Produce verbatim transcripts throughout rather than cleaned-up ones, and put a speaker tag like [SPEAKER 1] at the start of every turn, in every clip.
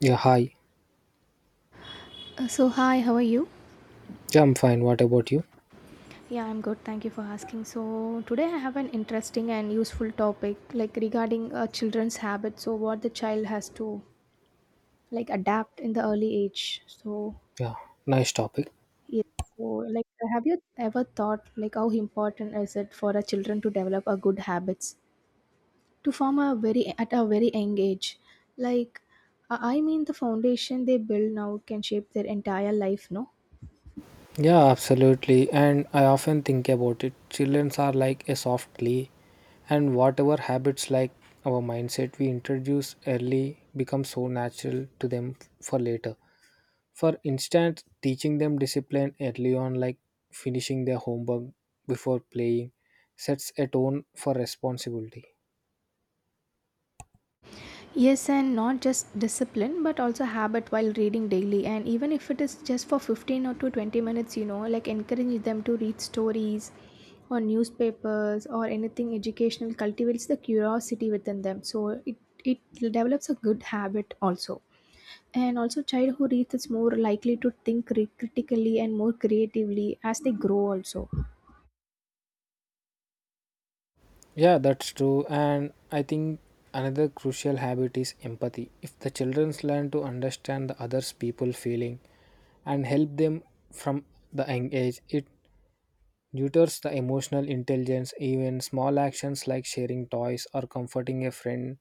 [SPEAKER 1] Yeah, hi.
[SPEAKER 2] Uh, So, hi, how are you?
[SPEAKER 1] Yeah, I'm fine. What about you?
[SPEAKER 2] Yeah, I'm good. Thank you for asking. So, today I have an interesting and useful topic like regarding uh, children's habits. So, what the child has to like adapt in the early age. So,
[SPEAKER 1] Yeah, nice topic.
[SPEAKER 2] yes. So, like, have you ever thought like how important is it for a children to develop a good habits to form a very at a very young age? Like, I I mean, the foundation they build now can shape their entire life. No,
[SPEAKER 1] Yeah, absolutely. And I often think about it. Children are like a soft clay, and whatever habits like our mindset we introduce early become so natural to them for later. For instance, teaching them discipline early on, like finishing their homework before playing, sets a tone for responsibility.
[SPEAKER 2] yes, and not just discipline, but also habit while reading daily. And even if it is just for fifteen or to twenty minutes, you know, like encourage them to read stories or newspapers or anything educational cultivates the curiosity within them. So it, it develops a good habit also. And also, child who reads is more likely to think cri- critically and more creatively as they grow also.
[SPEAKER 1] Yeah, that's true. And I think another crucial habit is empathy. If the children learn to understand the others people feeling and help them from the young age, it nurtures the emotional intelligence. Even small actions like sharing toys or comforting a friend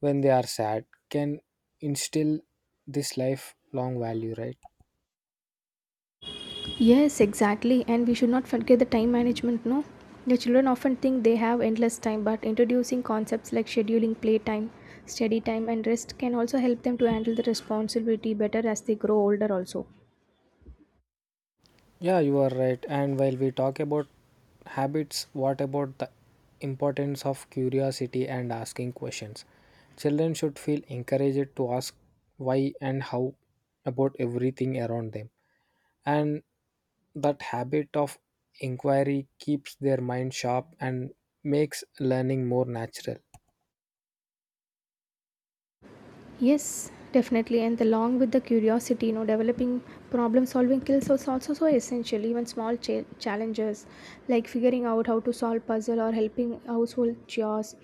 [SPEAKER 1] when they are sad can instill this lifelong value, right?
[SPEAKER 2] Yes, exactly. And we should not forget the time management, no? The children often think they have endless time, but introducing concepts like scheduling playtime, study time, and rest can also help them to handle the responsibility better as they grow older, also.
[SPEAKER 1] Yeah, you are right. And while we talk about habits, what about the importance of curiosity and asking questions? Children should feel encouraged to ask why and how about everything around them. And that habit of inquiry keeps their mind sharp and makes learning more natural.
[SPEAKER 2] Yes, definitely. And along with the curiosity, you know, developing problem solving skills is also so essential. Even small cha- challenges like figuring out how to solve puzzle or helping household chores,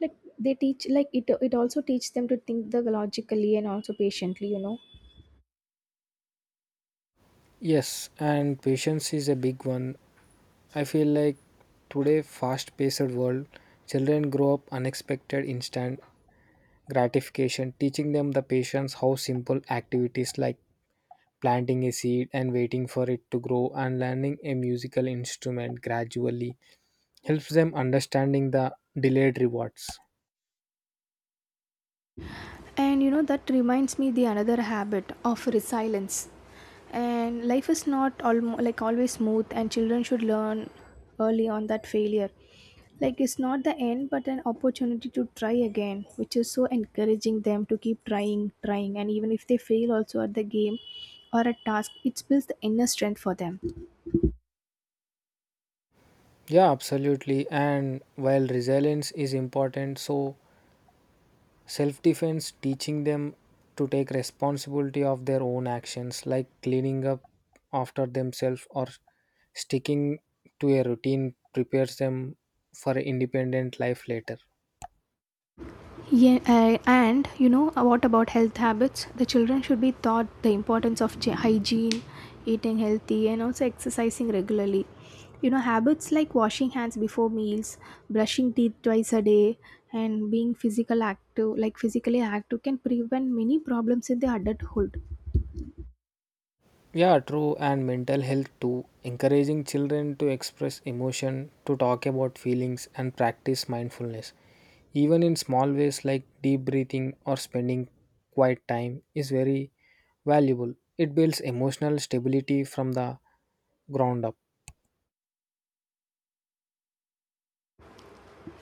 [SPEAKER 2] like they teach, like it, it also teaches them to think the logically and also patiently, you know.
[SPEAKER 1] Yes, and patience is a big one. I feel like today fast-paced world, children grow up unexpected instant gratification, teaching them the patience, how simple activities like planting a seed and waiting for it to grow and learning a musical instrument gradually helps them understanding the delayed rewards.
[SPEAKER 2] And you know that reminds me the another habit of resilience, and life is not all like always smooth, and children should learn early on that failure like it's not the end but an opportunity to try again, which is so encouraging them to keep trying trying, and even if they fail also at the game or at task, it builds the inner strength for them.
[SPEAKER 1] Yeah, absolutely. And while resilience is important, so self defense teaching them to take responsibility of their own actions like cleaning up after themselves or sticking to a routine prepares them for an independent life later.
[SPEAKER 2] Yeah, uh, and you know, uh, what about health habits? The children should be taught the importance of gy- hygiene, eating healthy, and also exercising regularly. You know, habits like washing hands before meals, brushing teeth twice a day, and being physical active, like physically active can prevent many problems in the adulthood.
[SPEAKER 1] Yeah, true, and mental health too. Encouraging children to express emotion, to talk about feelings, and practice mindfulness, even in small ways like deep breathing or spending quiet time, is very valuable. It builds emotional stability from the ground up.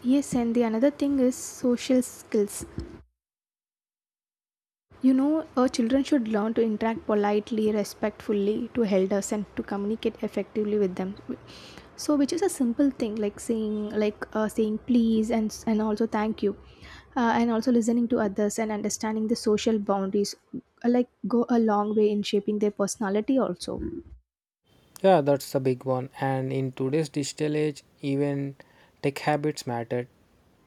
[SPEAKER 2] Yes, and the another thing is social skills. You know, uh, children should learn to interact politely, respectfully to elders and to communicate effectively with them. So, which is a simple thing like saying, like uh, saying please and and also thank you, uh, and also listening to others and understanding the social boundaries, uh, like go a long way in shaping their personality also.
[SPEAKER 1] Yeah, that's the big one. And in today's digital age, even tech habits matter.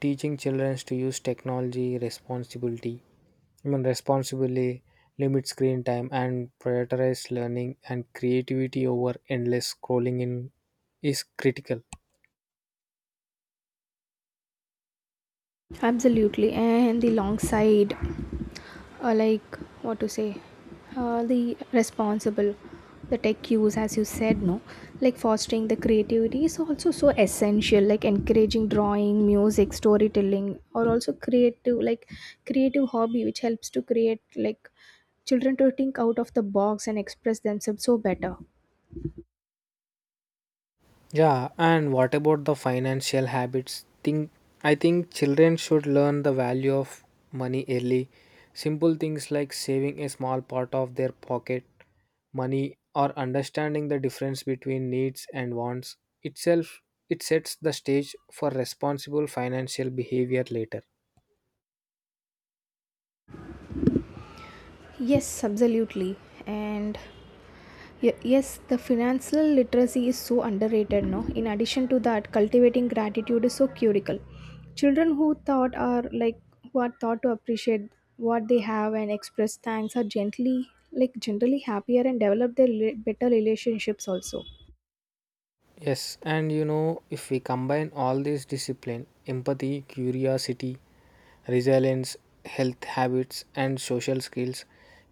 [SPEAKER 1] Teaching children to use technology, responsibility, I mean, responsibly limit screen time and prioritize learning and creativity over endless scrolling in is critical.
[SPEAKER 2] Absolutely, and the long side, uh, like what to say, uh, the responsible, the tech use, as you said, no, like fostering the creativity is also so essential, like encouraging drawing, music, storytelling, or also creative, like creative hobby, which helps to create like children to think out of the box and express themselves so better.
[SPEAKER 1] Yeah, and what about the financial habits? Think I think children should learn the value of money early. Simple things like saving a small part of their pocket money or understanding the difference between needs and wants itself it sets the stage for responsible financial behavior later.
[SPEAKER 2] Yes, absolutely, and Ye- yes, the financial literacy is so underrated no. In addition to that, cultivating gratitude is so critical. Children who thought are like who are taught to appreciate what they have and express thanks are gently like generally happier and develop their rela- better relationships also.
[SPEAKER 1] Yes, and you know, if we combine all these discipline, empathy, curiosity, resilience, health habits, and social skills,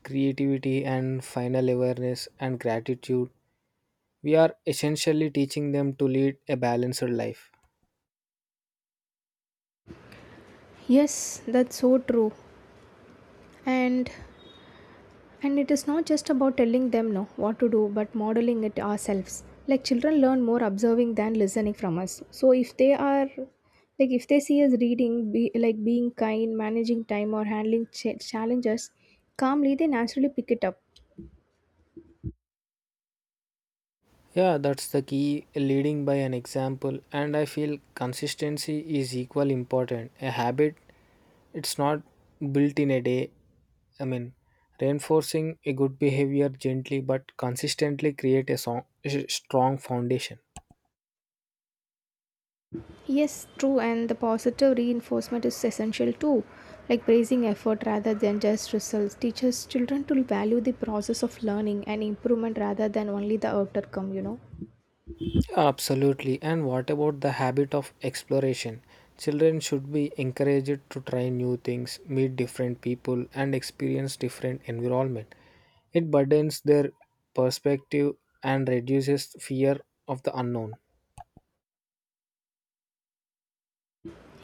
[SPEAKER 1] creativity, and final awareness and gratitude, we are essentially teaching them to lead a balanced life.
[SPEAKER 2] Yes, that's so true. And And it is not just about telling them no, what to do, but modeling it ourselves. Like children learn more observing than listening from us. So if they are like if they see us reading, be, like being kind, managing time, or handling ch- challenges calmly, they naturally pick it up.
[SPEAKER 1] Yeah, that's the key leading by an example, and I feel consistency is equal important. A habit, it's not built in a day, I mean, reinforcing a good behavior gently but consistently create a, song, a strong foundation.
[SPEAKER 2] Yes, true, and the positive reinforcement is essential too. Like praising effort rather than just results teaches children to value the process of learning and improvement rather than only the outcome. You know.
[SPEAKER 1] Absolutely. And what about the habit of exploration? Children should be encouraged to try new things, meet different people, and experience different environment. It broadens their perspective and reduces fear of the unknown.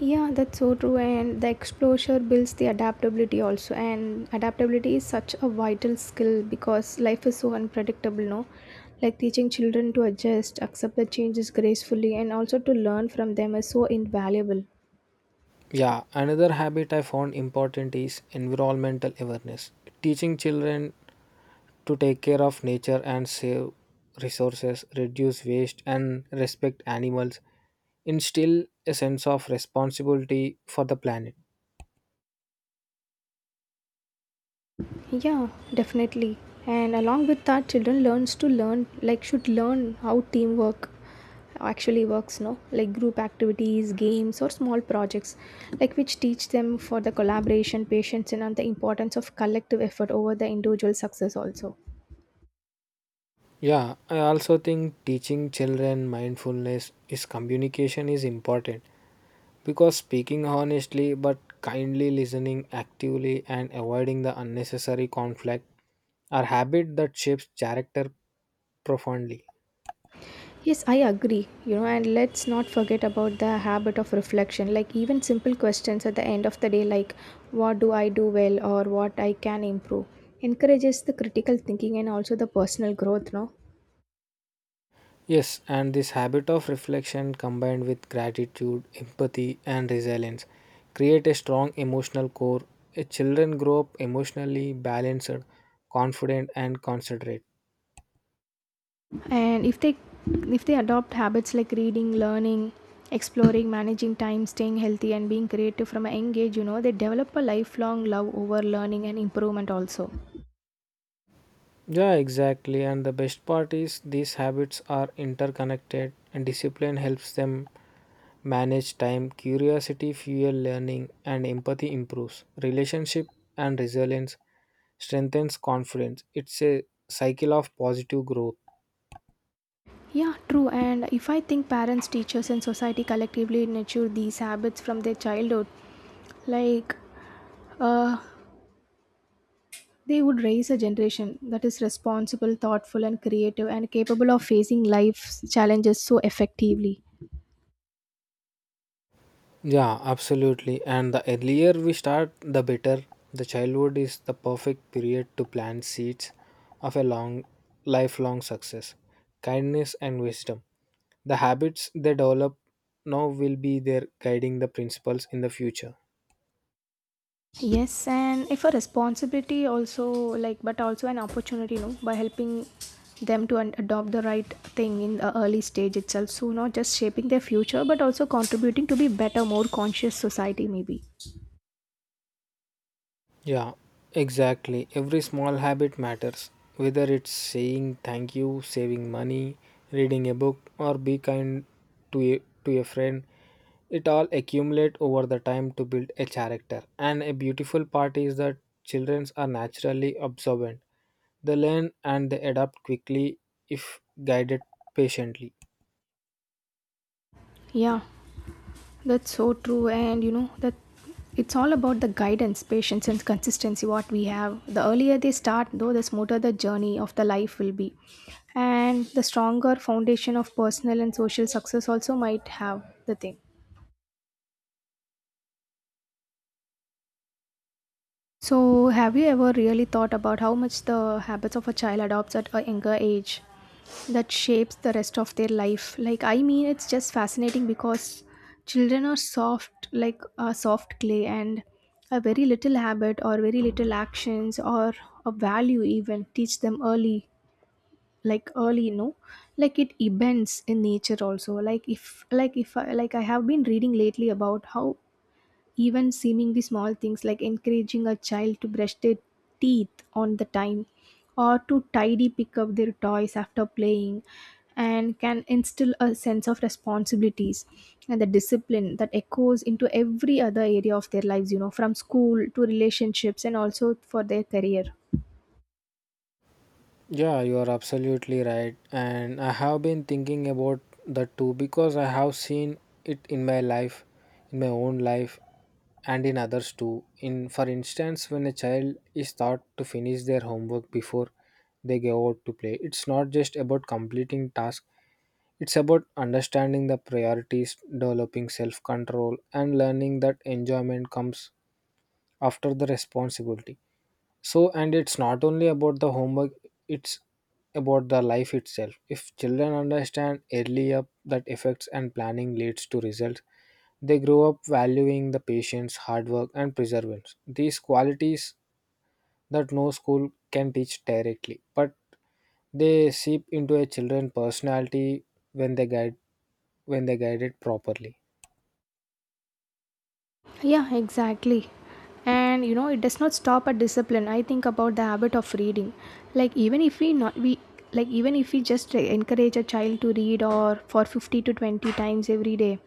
[SPEAKER 2] Yeah, that's so true. And the exposure builds the adaptability also. And adaptability is such a vital skill because life is so unpredictable, no? Like teaching children to adjust, accept the changes gracefully, and also to learn from them is so invaluable.
[SPEAKER 1] Yeah, another habit I found important is environmental awareness. Teaching children to take care of nature and save resources, reduce waste, and respect animals instill a sense of responsibility for the planet.
[SPEAKER 2] Yeah, definitely. And along with that, children learns to learn like should learn how teamwork actually works, no, like group activities, games, or small projects, like which teach them for the collaboration, patience, and the importance of collective effort over the individual success also.
[SPEAKER 1] Yeah, I also think teaching children mindfulness is communication is important because speaking honestly but kindly listening actively and avoiding the unnecessary conflict are habits that shapes character profoundly.
[SPEAKER 2] Yes, I agree. You know, and let's not forget about the habit of reflection. Like, even simple questions at the end of the day, like, what do I do well or what I can improve, encourages the critical thinking and also the personal growth, no?
[SPEAKER 1] Yes, and this habit of reflection combined with gratitude, empathy, and resilience create a strong emotional core. A children grow up emotionally balanced, confident, and considerate.
[SPEAKER 2] And if they if they adopt habits like reading, learning, exploring, managing time, staying healthy and being creative from a young age, you know, they develop a lifelong love over learning and improvement also.
[SPEAKER 1] Yeah, exactly. And the best part is these habits are interconnected, and discipline helps them manage time. Curiosity fuel learning, and empathy improves relationship and resilience strengthens confidence. It's a cycle of positive growth.
[SPEAKER 2] Yeah, true. And if I think parents, teachers, and society collectively nurture these habits from their childhood, like uh, they would raise a generation that is responsible, thoughtful, and creative, and capable of facing life's challenges so effectively.
[SPEAKER 1] Yeah, absolutely. And the earlier we start, the better. The childhood is the perfect period to plant seeds of a long, lifelong success, kindness, and wisdom. The habits they develop now will be their guiding the principles in the future.
[SPEAKER 2] Yes, and if a responsibility also, like, but also an opportunity, no, by helping them to an- adopt the right thing in the early stage itself. So, not just shaping their future, but also contributing to be better, more conscious society, maybe.
[SPEAKER 1] Yeah, exactly. Every small habit matters, whether it's saying thank you, saving money, reading a book, or be kind to a, to a friend. It all accumulate over the time to build a character. And a beautiful part is that children are naturally observant. They learn and they adapt quickly if guided patiently.
[SPEAKER 2] Yeah, that's so true, and you know that it's all about the guidance, patience, and consistency. What we have, the earlier they start, though, the smoother the journey of the life will be, and the stronger foundation of personal and social success also might have the thing. So, have you ever really thought about how much the habits of a child adopts at a younger age that shapes the rest of their life? Like, I mean, it's just fascinating because children are soft, like a soft clay, and a very little habit or very little actions or a value even teach them early like early no like it bends in nature also like if like if I, like I have been reading lately about how even seemingly small things like encouraging a child to brush their teeth on the time or to tidy pick up their toys after playing and can instill a sense of responsibilities and the discipline that echoes into every other area of their lives, you know, from school to relationships and also for their career.
[SPEAKER 1] Yeah, you are absolutely right. And I have been thinking about that too because I have seen it in my life, in my own life, and in others too. In for instance, when a child is taught to finish their homework before they go out to play, it's not just about completing tasks, it's about understanding the priorities, developing self control, and learning that enjoyment comes after the responsibility. So, and it's not only about the homework, it's about the life itself. If children understand early up that effects and planning leads to results, they grow up valuing the patience, hard work, and perseverance. These qualities that no school can teach directly, but they seep into a children's personality when they guide when they guide it properly.
[SPEAKER 2] Yeah, exactly. And you know, it does not stop at discipline. I think about the habit of reading. Like even if we not we like even if we just encourage a child to read or for fifty to twenty times every day,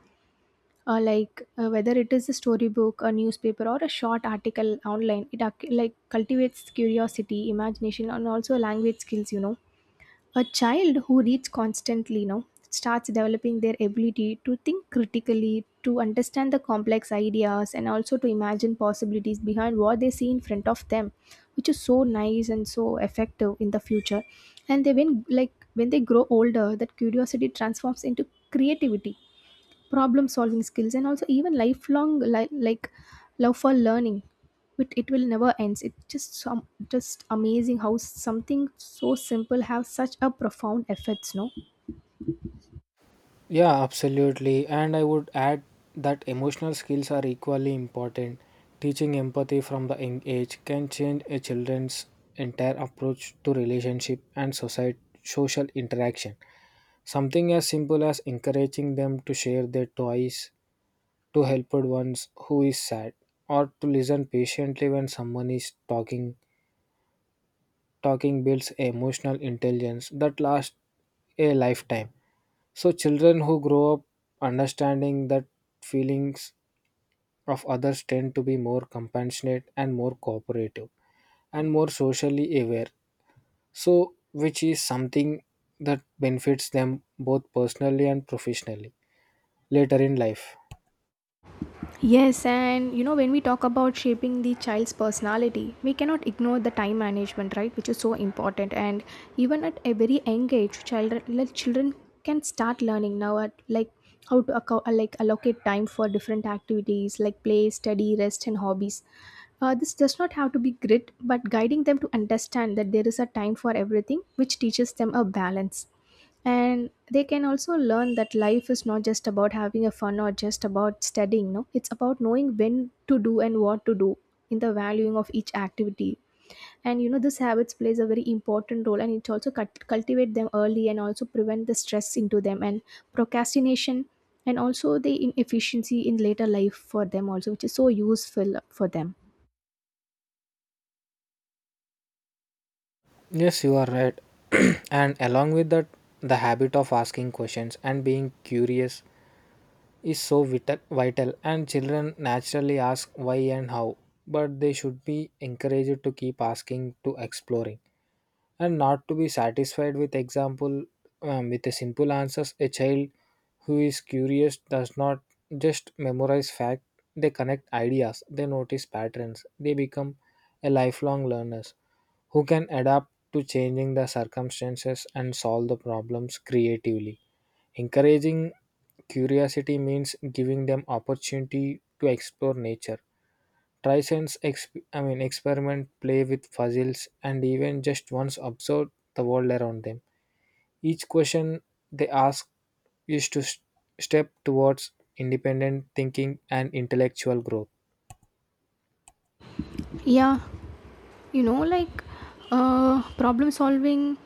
[SPEAKER 2] uh, like uh, whether it is a storybook, a newspaper, or a short article online, it ac- like cultivates curiosity, imagination, and also language skills, you know. A child who reads constantly, you know, starts developing their ability to think critically, to understand the complex ideas, and also to imagine possibilities behind what they see in front of them, which is so nice and so effective in the future. And they when like when they grow older, that curiosity transforms into creativity, problem solving skills, and also even lifelong li- like love for learning. It, it will never ends, it's just some just amazing how something so simple have such a profound effects, no.
[SPEAKER 1] Yeah, absolutely. And I would add that emotional skills are equally important. Teaching empathy from the young age can change a children's entire approach to relationship and society social interaction. Something as simple as encouraging them to share their toys to help ones who is sad or to listen patiently when someone is talking talking builds emotional intelligence that lasts a lifetime so children who grow up understanding that feelings of others tend to be more compassionate and more cooperative and more socially aware. So which is something that benefits them both personally and professionally later in life.
[SPEAKER 2] Yes, and you know, when we talk about shaping the child's personality, we cannot ignore the time management, right? Which is so important. And even at a very young age, children, like children can start learning now at like how to account, like allocate time for different activities like play, study, rest, and hobbies. Uh, this does not have to be grit, but guiding them to understand that there is a time for everything, which teaches them a balance, and they can also learn that life is not just about having a fun or just about studying, no, it's about knowing when to do and what to do in the valuing of each activity. And you know, this habits plays a very important role, and it also cut cultivate them early and also prevent the stress into them, and procrastination, and also the inefficiency in later life for them also, which is so useful for them.
[SPEAKER 1] Yes, you are right. And along with that, the habit of asking questions and being curious is so vital, vital and children naturally ask why and how, but they should be encouraged to keep asking to exploring and not to be satisfied with example um, with a simple answers a child who is curious does not just memorize fact, they connect ideas, they notice patterns, they become a lifelong learners who can adapt to changing the circumstances and solve the problems creatively. Encouraging curiosity means giving them opportunity to explore nature. Try sense, exp- I mean, experiment, play with puzzles, and even just once observe the world around them. Each question they ask is to s- step towards independent thinking and intellectual growth.
[SPEAKER 2] Yeah, you know, like uh problem solving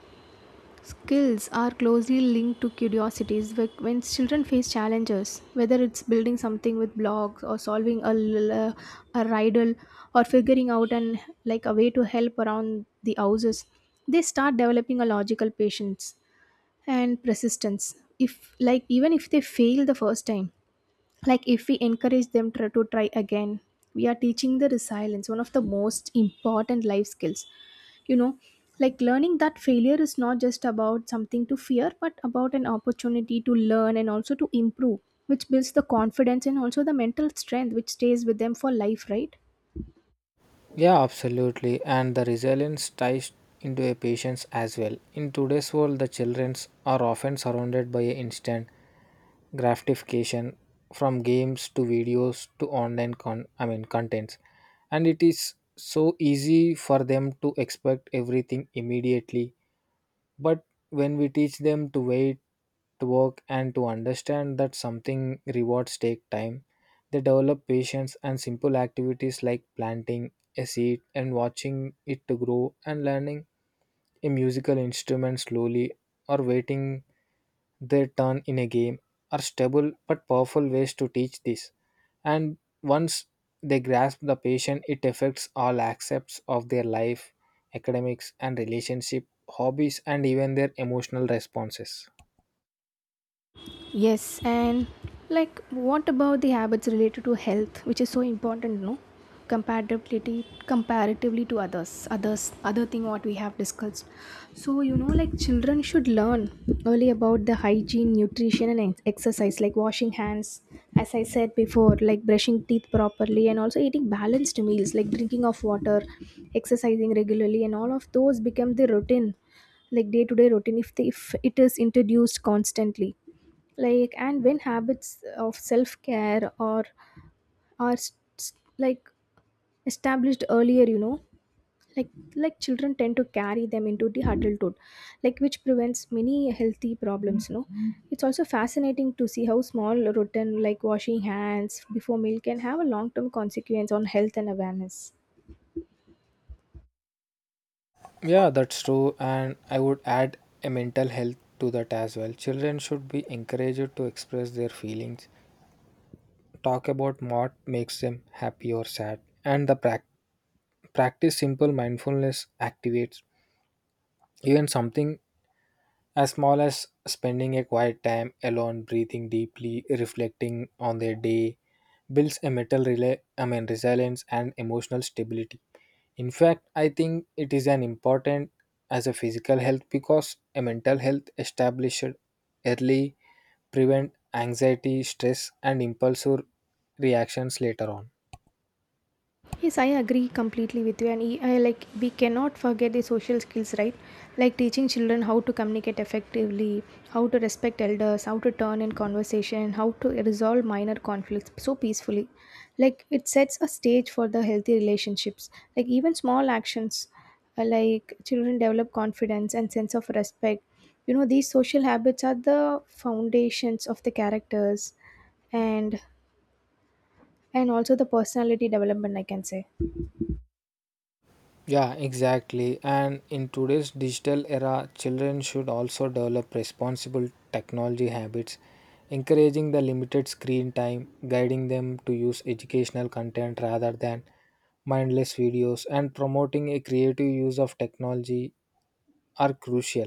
[SPEAKER 2] skills are closely linked to curiosities. Wh- When children face challenges, whether it's building something with blocks or solving a, l- uh, a a riddle, or figuring out an like a way to help around the houses, they start developing a logical patience and persistence. If like even if they fail the first time, like if we encourage them try to try again, we are teaching the resilience, one of the most important life skills, you know, like learning that failure is not just about something to fear but about an opportunity to learn and also to improve, which builds the confidence and also the mental strength which stays with them for life, right?
[SPEAKER 1] Yeah, absolutely. And the resilience ties into a patience as well. In today's world, the children are often surrounded by instant gratification from games to videos to online con I mean contents, and it is so easy for them to expect everything immediately. But when we teach them to wait, to work, and to understand that something rewards take time, they develop patience. And simple activities like planting a seed and watching it to grow and learning a musical instrument slowly or waiting their turn in a game are stable but powerful ways to teach this. And once they grasp the patient, it affects all aspects of their life, academics and relationship, hobbies, and even their emotional responses.
[SPEAKER 2] Yes, and like what about the habits related to health, which is so important, no? Compatibility comparatively to others, others other thing what we have discussed. So you know, like children should learn early about the hygiene, nutrition, and ex- exercise, like washing hands, as I said before, like brushing teeth properly, and also eating balanced meals, like drinking of water, exercising regularly, and all of those become the routine, like day to day routine if, they, if it is introduced constantly, like and when habits of self care are are s- s- like established earlier, you know, like like children tend to carry them into the adulthood, like which prevents many healthy problems, you know, it's also fascinating to see how small routine like washing hands before meal can have a long term consequence on health and awareness.
[SPEAKER 1] Yeah, that's true. And I would add a mental health to that as well. Children should be encouraged to express their feelings, talk about what makes them happy or sad, and the prac- practice simple mindfulness activates even something as small as spending a quiet time alone, breathing deeply, reflecting on their day, builds a mental rela- I mean, resilience and emotional stability. In fact, I think it is an important as a physical health because a mental health established early prevent anxiety, stress, and impulsive reactions later on.
[SPEAKER 2] Yes, I agree completely with you, and e- I like we cannot forget the social skills, right? Like teaching children how to communicate effectively, how to respect elders, how to turn in conversation, how to resolve minor conflicts so peacefully. Like it sets a stage for the healthy relationships. Like even small actions, uh, like children develop confidence and sense of respect. You know, these social habits are the foundations of the characters, and and also the personality development. I can say.
[SPEAKER 1] Yeah, exactly. And in today's digital era, children should also develop responsible technology habits, encouraging the limited screen time, guiding them to use educational content rather than mindless videos, and promoting a creative use of technology are crucial.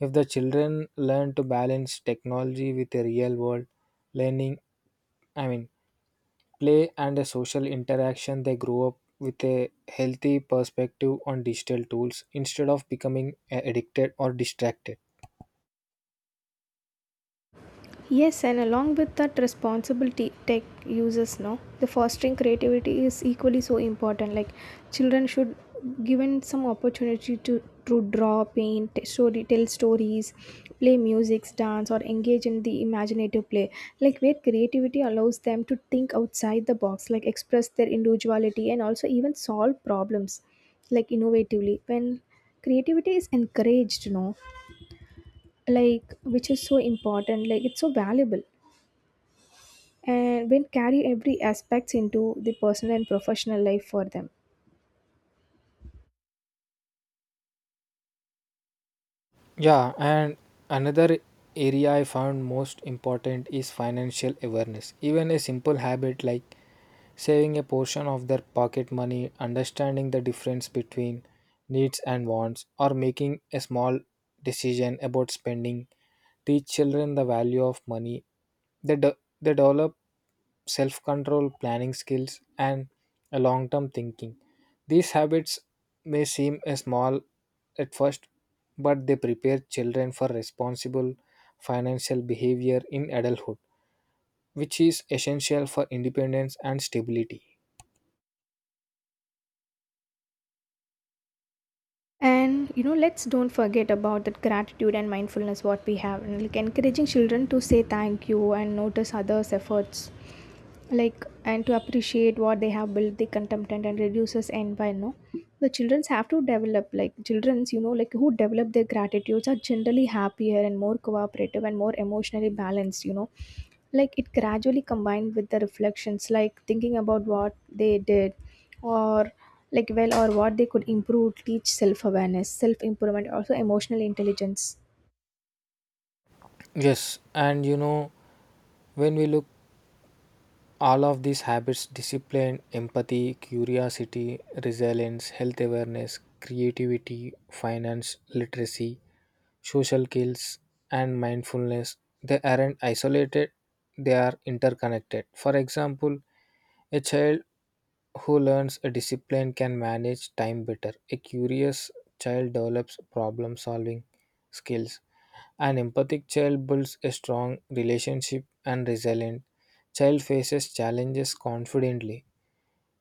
[SPEAKER 1] If the children learn to balance technology with the real world learning, I mean, play and a social interaction, they grow up with a healthy perspective on digital tools instead of becoming a- addicted or distracted.
[SPEAKER 2] Yes, and along with that responsibility tech users know the fostering creativity is equally so important. Like children should given some opportunity to to draw, paint, t- story, tell stories, play music, dance, or engage in the imaginative play. Like where creativity allows them to think outside the box, like express their individuality and also even solve problems, like innovatively. When creativity is encouraged, you know, like which is so important, like it's so valuable and when carry every aspects into the personal and professional life for them.
[SPEAKER 1] Yeah, and another area I found most important is financial awareness. Even a simple habit like saving a portion of their pocket money, understanding the difference between needs and wants, or making a small decision about spending teach children the value of money. They, de- they develop self control, planning skills, and a long term thinking. These habits may seem a small at first, but they prepare children for responsible financial behavior in adulthood, which is essential for independence and stability.
[SPEAKER 2] And you know, let's don't forget about that gratitude and mindfulness what we have, and like encouraging children to say thank you and notice others' efforts, like and to appreciate what they have built, the contempt and reduces envy. No, the childrens have to develop like childrens, you know, like who develop their gratitudes are generally happier and more cooperative and more emotionally balanced. You know, like it gradually combined with the reflections, like thinking about what they did or like well or what they could improve teach self-awareness self-improvement also emotional intelligence.
[SPEAKER 1] Yes, and you know, when we look all of these habits discipline, empathy, curiosity, resilience, health awareness, creativity, finance, literacy, social skills, and mindfulness, they aren't isolated, they are interconnected. For example, a child who learns a discipline can manage time better. A curious child develops problem solving skills. An empathic child builds a strong relationship and resilient child faces challenges confidently.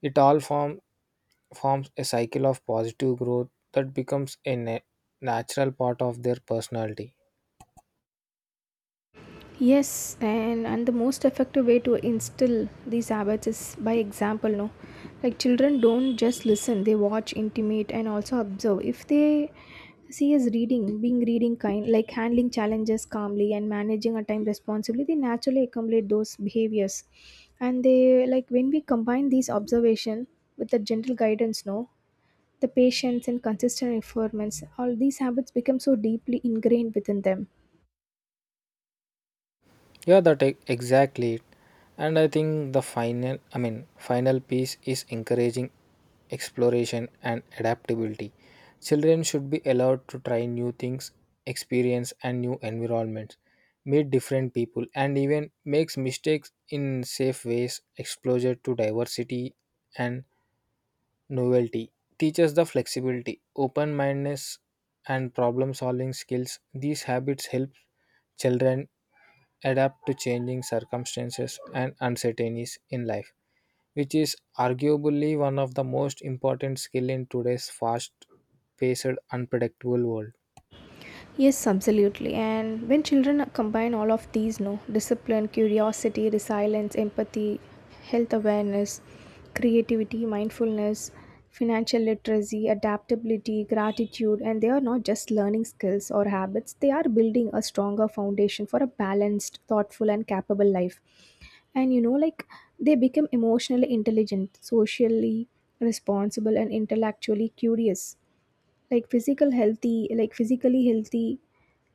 [SPEAKER 1] It all form, forms a cycle of positive growth that becomes a na- natural part of their personality.
[SPEAKER 2] Yes, and and the most effective way to instill these habits is by example, no. Like children don't just listen, they watch intimate and also observe. If they see us reading being reading kind, like handling challenges calmly and managing our time responsibly, they naturally accumulate those behaviors. And they, like when we combine these observation with the gentle guidance, no, the patience and consistent performance, all these habits become so deeply ingrained within them.
[SPEAKER 1] Yeah, that e- exactly. it. And I think the final, I mean, final piece is encouraging exploration and adaptability. Children should be allowed to try new things, experience and new environments, meet different people, and even makes mistakes in safe ways. Exposure to diversity and novelty teaches the flexibility, open mindedness, and problem solving skills. These habits help children adapt to changing circumstances and uncertainties in life, which is arguably one of the most important skill in today's fast-paced, unpredictable world.
[SPEAKER 2] Yes, absolutely, and when children combine all of these, no, discipline, curiosity, resilience, empathy, health awareness, creativity, mindfulness, financial literacy, adaptability, gratitude, and they are not just learning skills or habits, they are building a stronger foundation for a balanced, thoughtful and capable life. And you know, like they become emotionally intelligent, socially responsible and intellectually curious, like physical healthy like physically healthy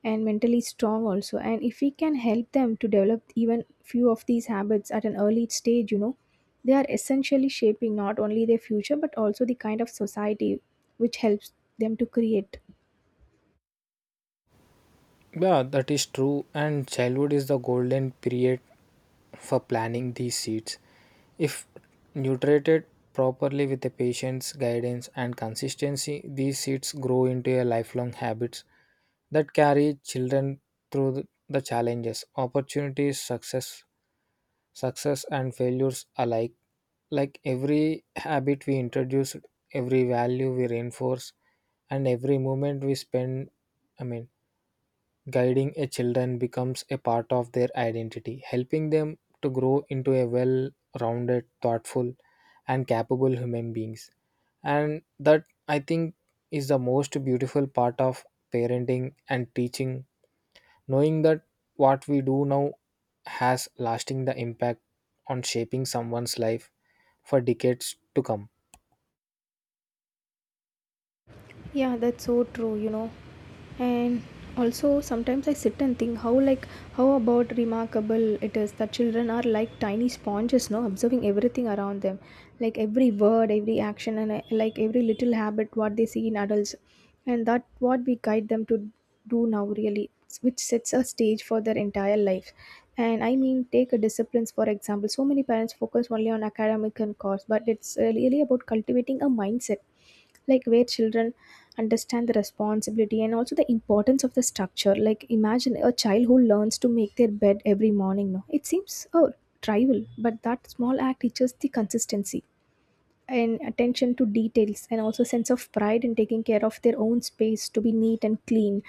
[SPEAKER 2] and mentally strong also. And if we can help them to develop even few of these habits at an early stage, you know, they are essentially shaping not only their future but also the kind of society which helps them to create.
[SPEAKER 1] Yeah, that is true. And childhood is the golden period for planting these seeds. If nutrited properly with the patience, guidance, and consistency, these seeds grow into a lifelong habits that carry children through the the challenges, opportunities, success, success and failures alike. Like every habit we introduce, every value we reinforce, and every moment we spend, I mean, guiding a children becomes a part of their identity, helping them to grow into a well rounded, thoughtful, and capable human beings. And that I think is the most beautiful part of parenting and teaching, knowing that what we do now has lasting the impact on shaping someone's life for decades to come.
[SPEAKER 2] Yeah, that's so true, you know. And also sometimes I sit and think how like how about remarkable it is that children are like tiny sponges, no, observing everything around them. Like every word, every action and uh, like every little habit what they see in adults. And that what we guide them to do now really which sets a stage for their entire life. And I mean take a disciplines for example. So many parents focus only on academic and course, but it's uh, really about cultivating a mindset like where children understand the responsibility and also the importance of the structure, like imagine a child who learns to make their bed every morning, no, it seems oh trivial, but that small act teaches the consistency and attention to details and also sense of pride in taking care of their own space to be neat and clean.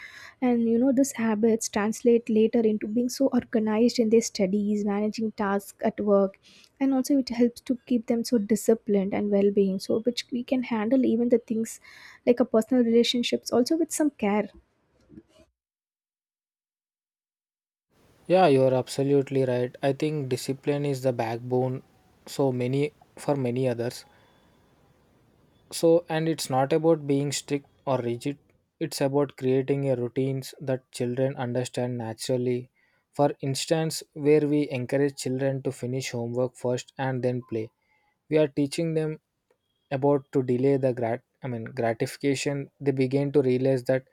[SPEAKER 2] And you know, these habits translate later into being so organized in their studies, managing tasks at work, and also it helps to keep them so disciplined and well-being, so which we can handle even the things like a personal relationships also with some care.
[SPEAKER 1] Yeah, you're absolutely right. I think discipline is the backbone, so many, for many others. So, and it's not about being strict or rigid, it's about creating a routines that children understand naturally. For instance, where we encourage children to finish homework first and then play, we are teaching them about to delay the grat I mean gratification. They begin to realize that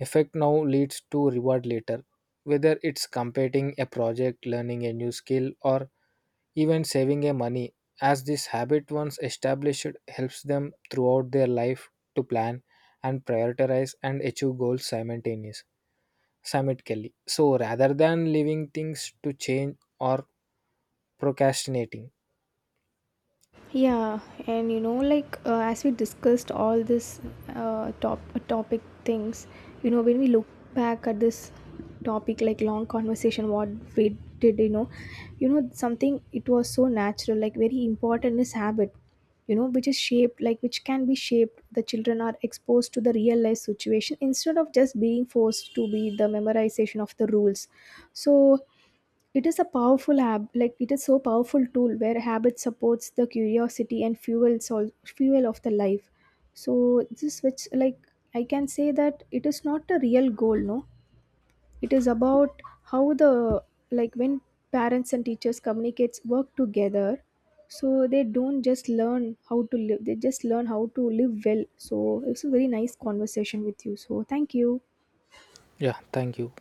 [SPEAKER 1] effect now leads to reward later, whether it's completing a project, learning a new skill, or even saving a money, as this habit once established helps them throughout their life to plan and prioritize and achieve goals simultaneously simultaneously so rather than leaving things to change or procrastinating.
[SPEAKER 2] Yeah, and you know, like uh, as we discussed all this uh, top uh, topic things, you know, when we look back at this topic, like long conversation, what we did, you know, you know something it was so natural, like very important is habit, you know, which is shaped, like which can be shaped. The children are exposed to the real life situation instead of just being forced to be the memorization of the rules. So it is a powerful hab like it is so powerful tool where habit supports the curiosity and fuels all fuel of the life. So this which like I can say that it is not a real goal, no. It is about how the like when parents and teachers communicates work together, so they don't just learn how to live, they just learn how to live well. So it's a very nice conversation with you, so thank you.
[SPEAKER 1] Yeah, thank you.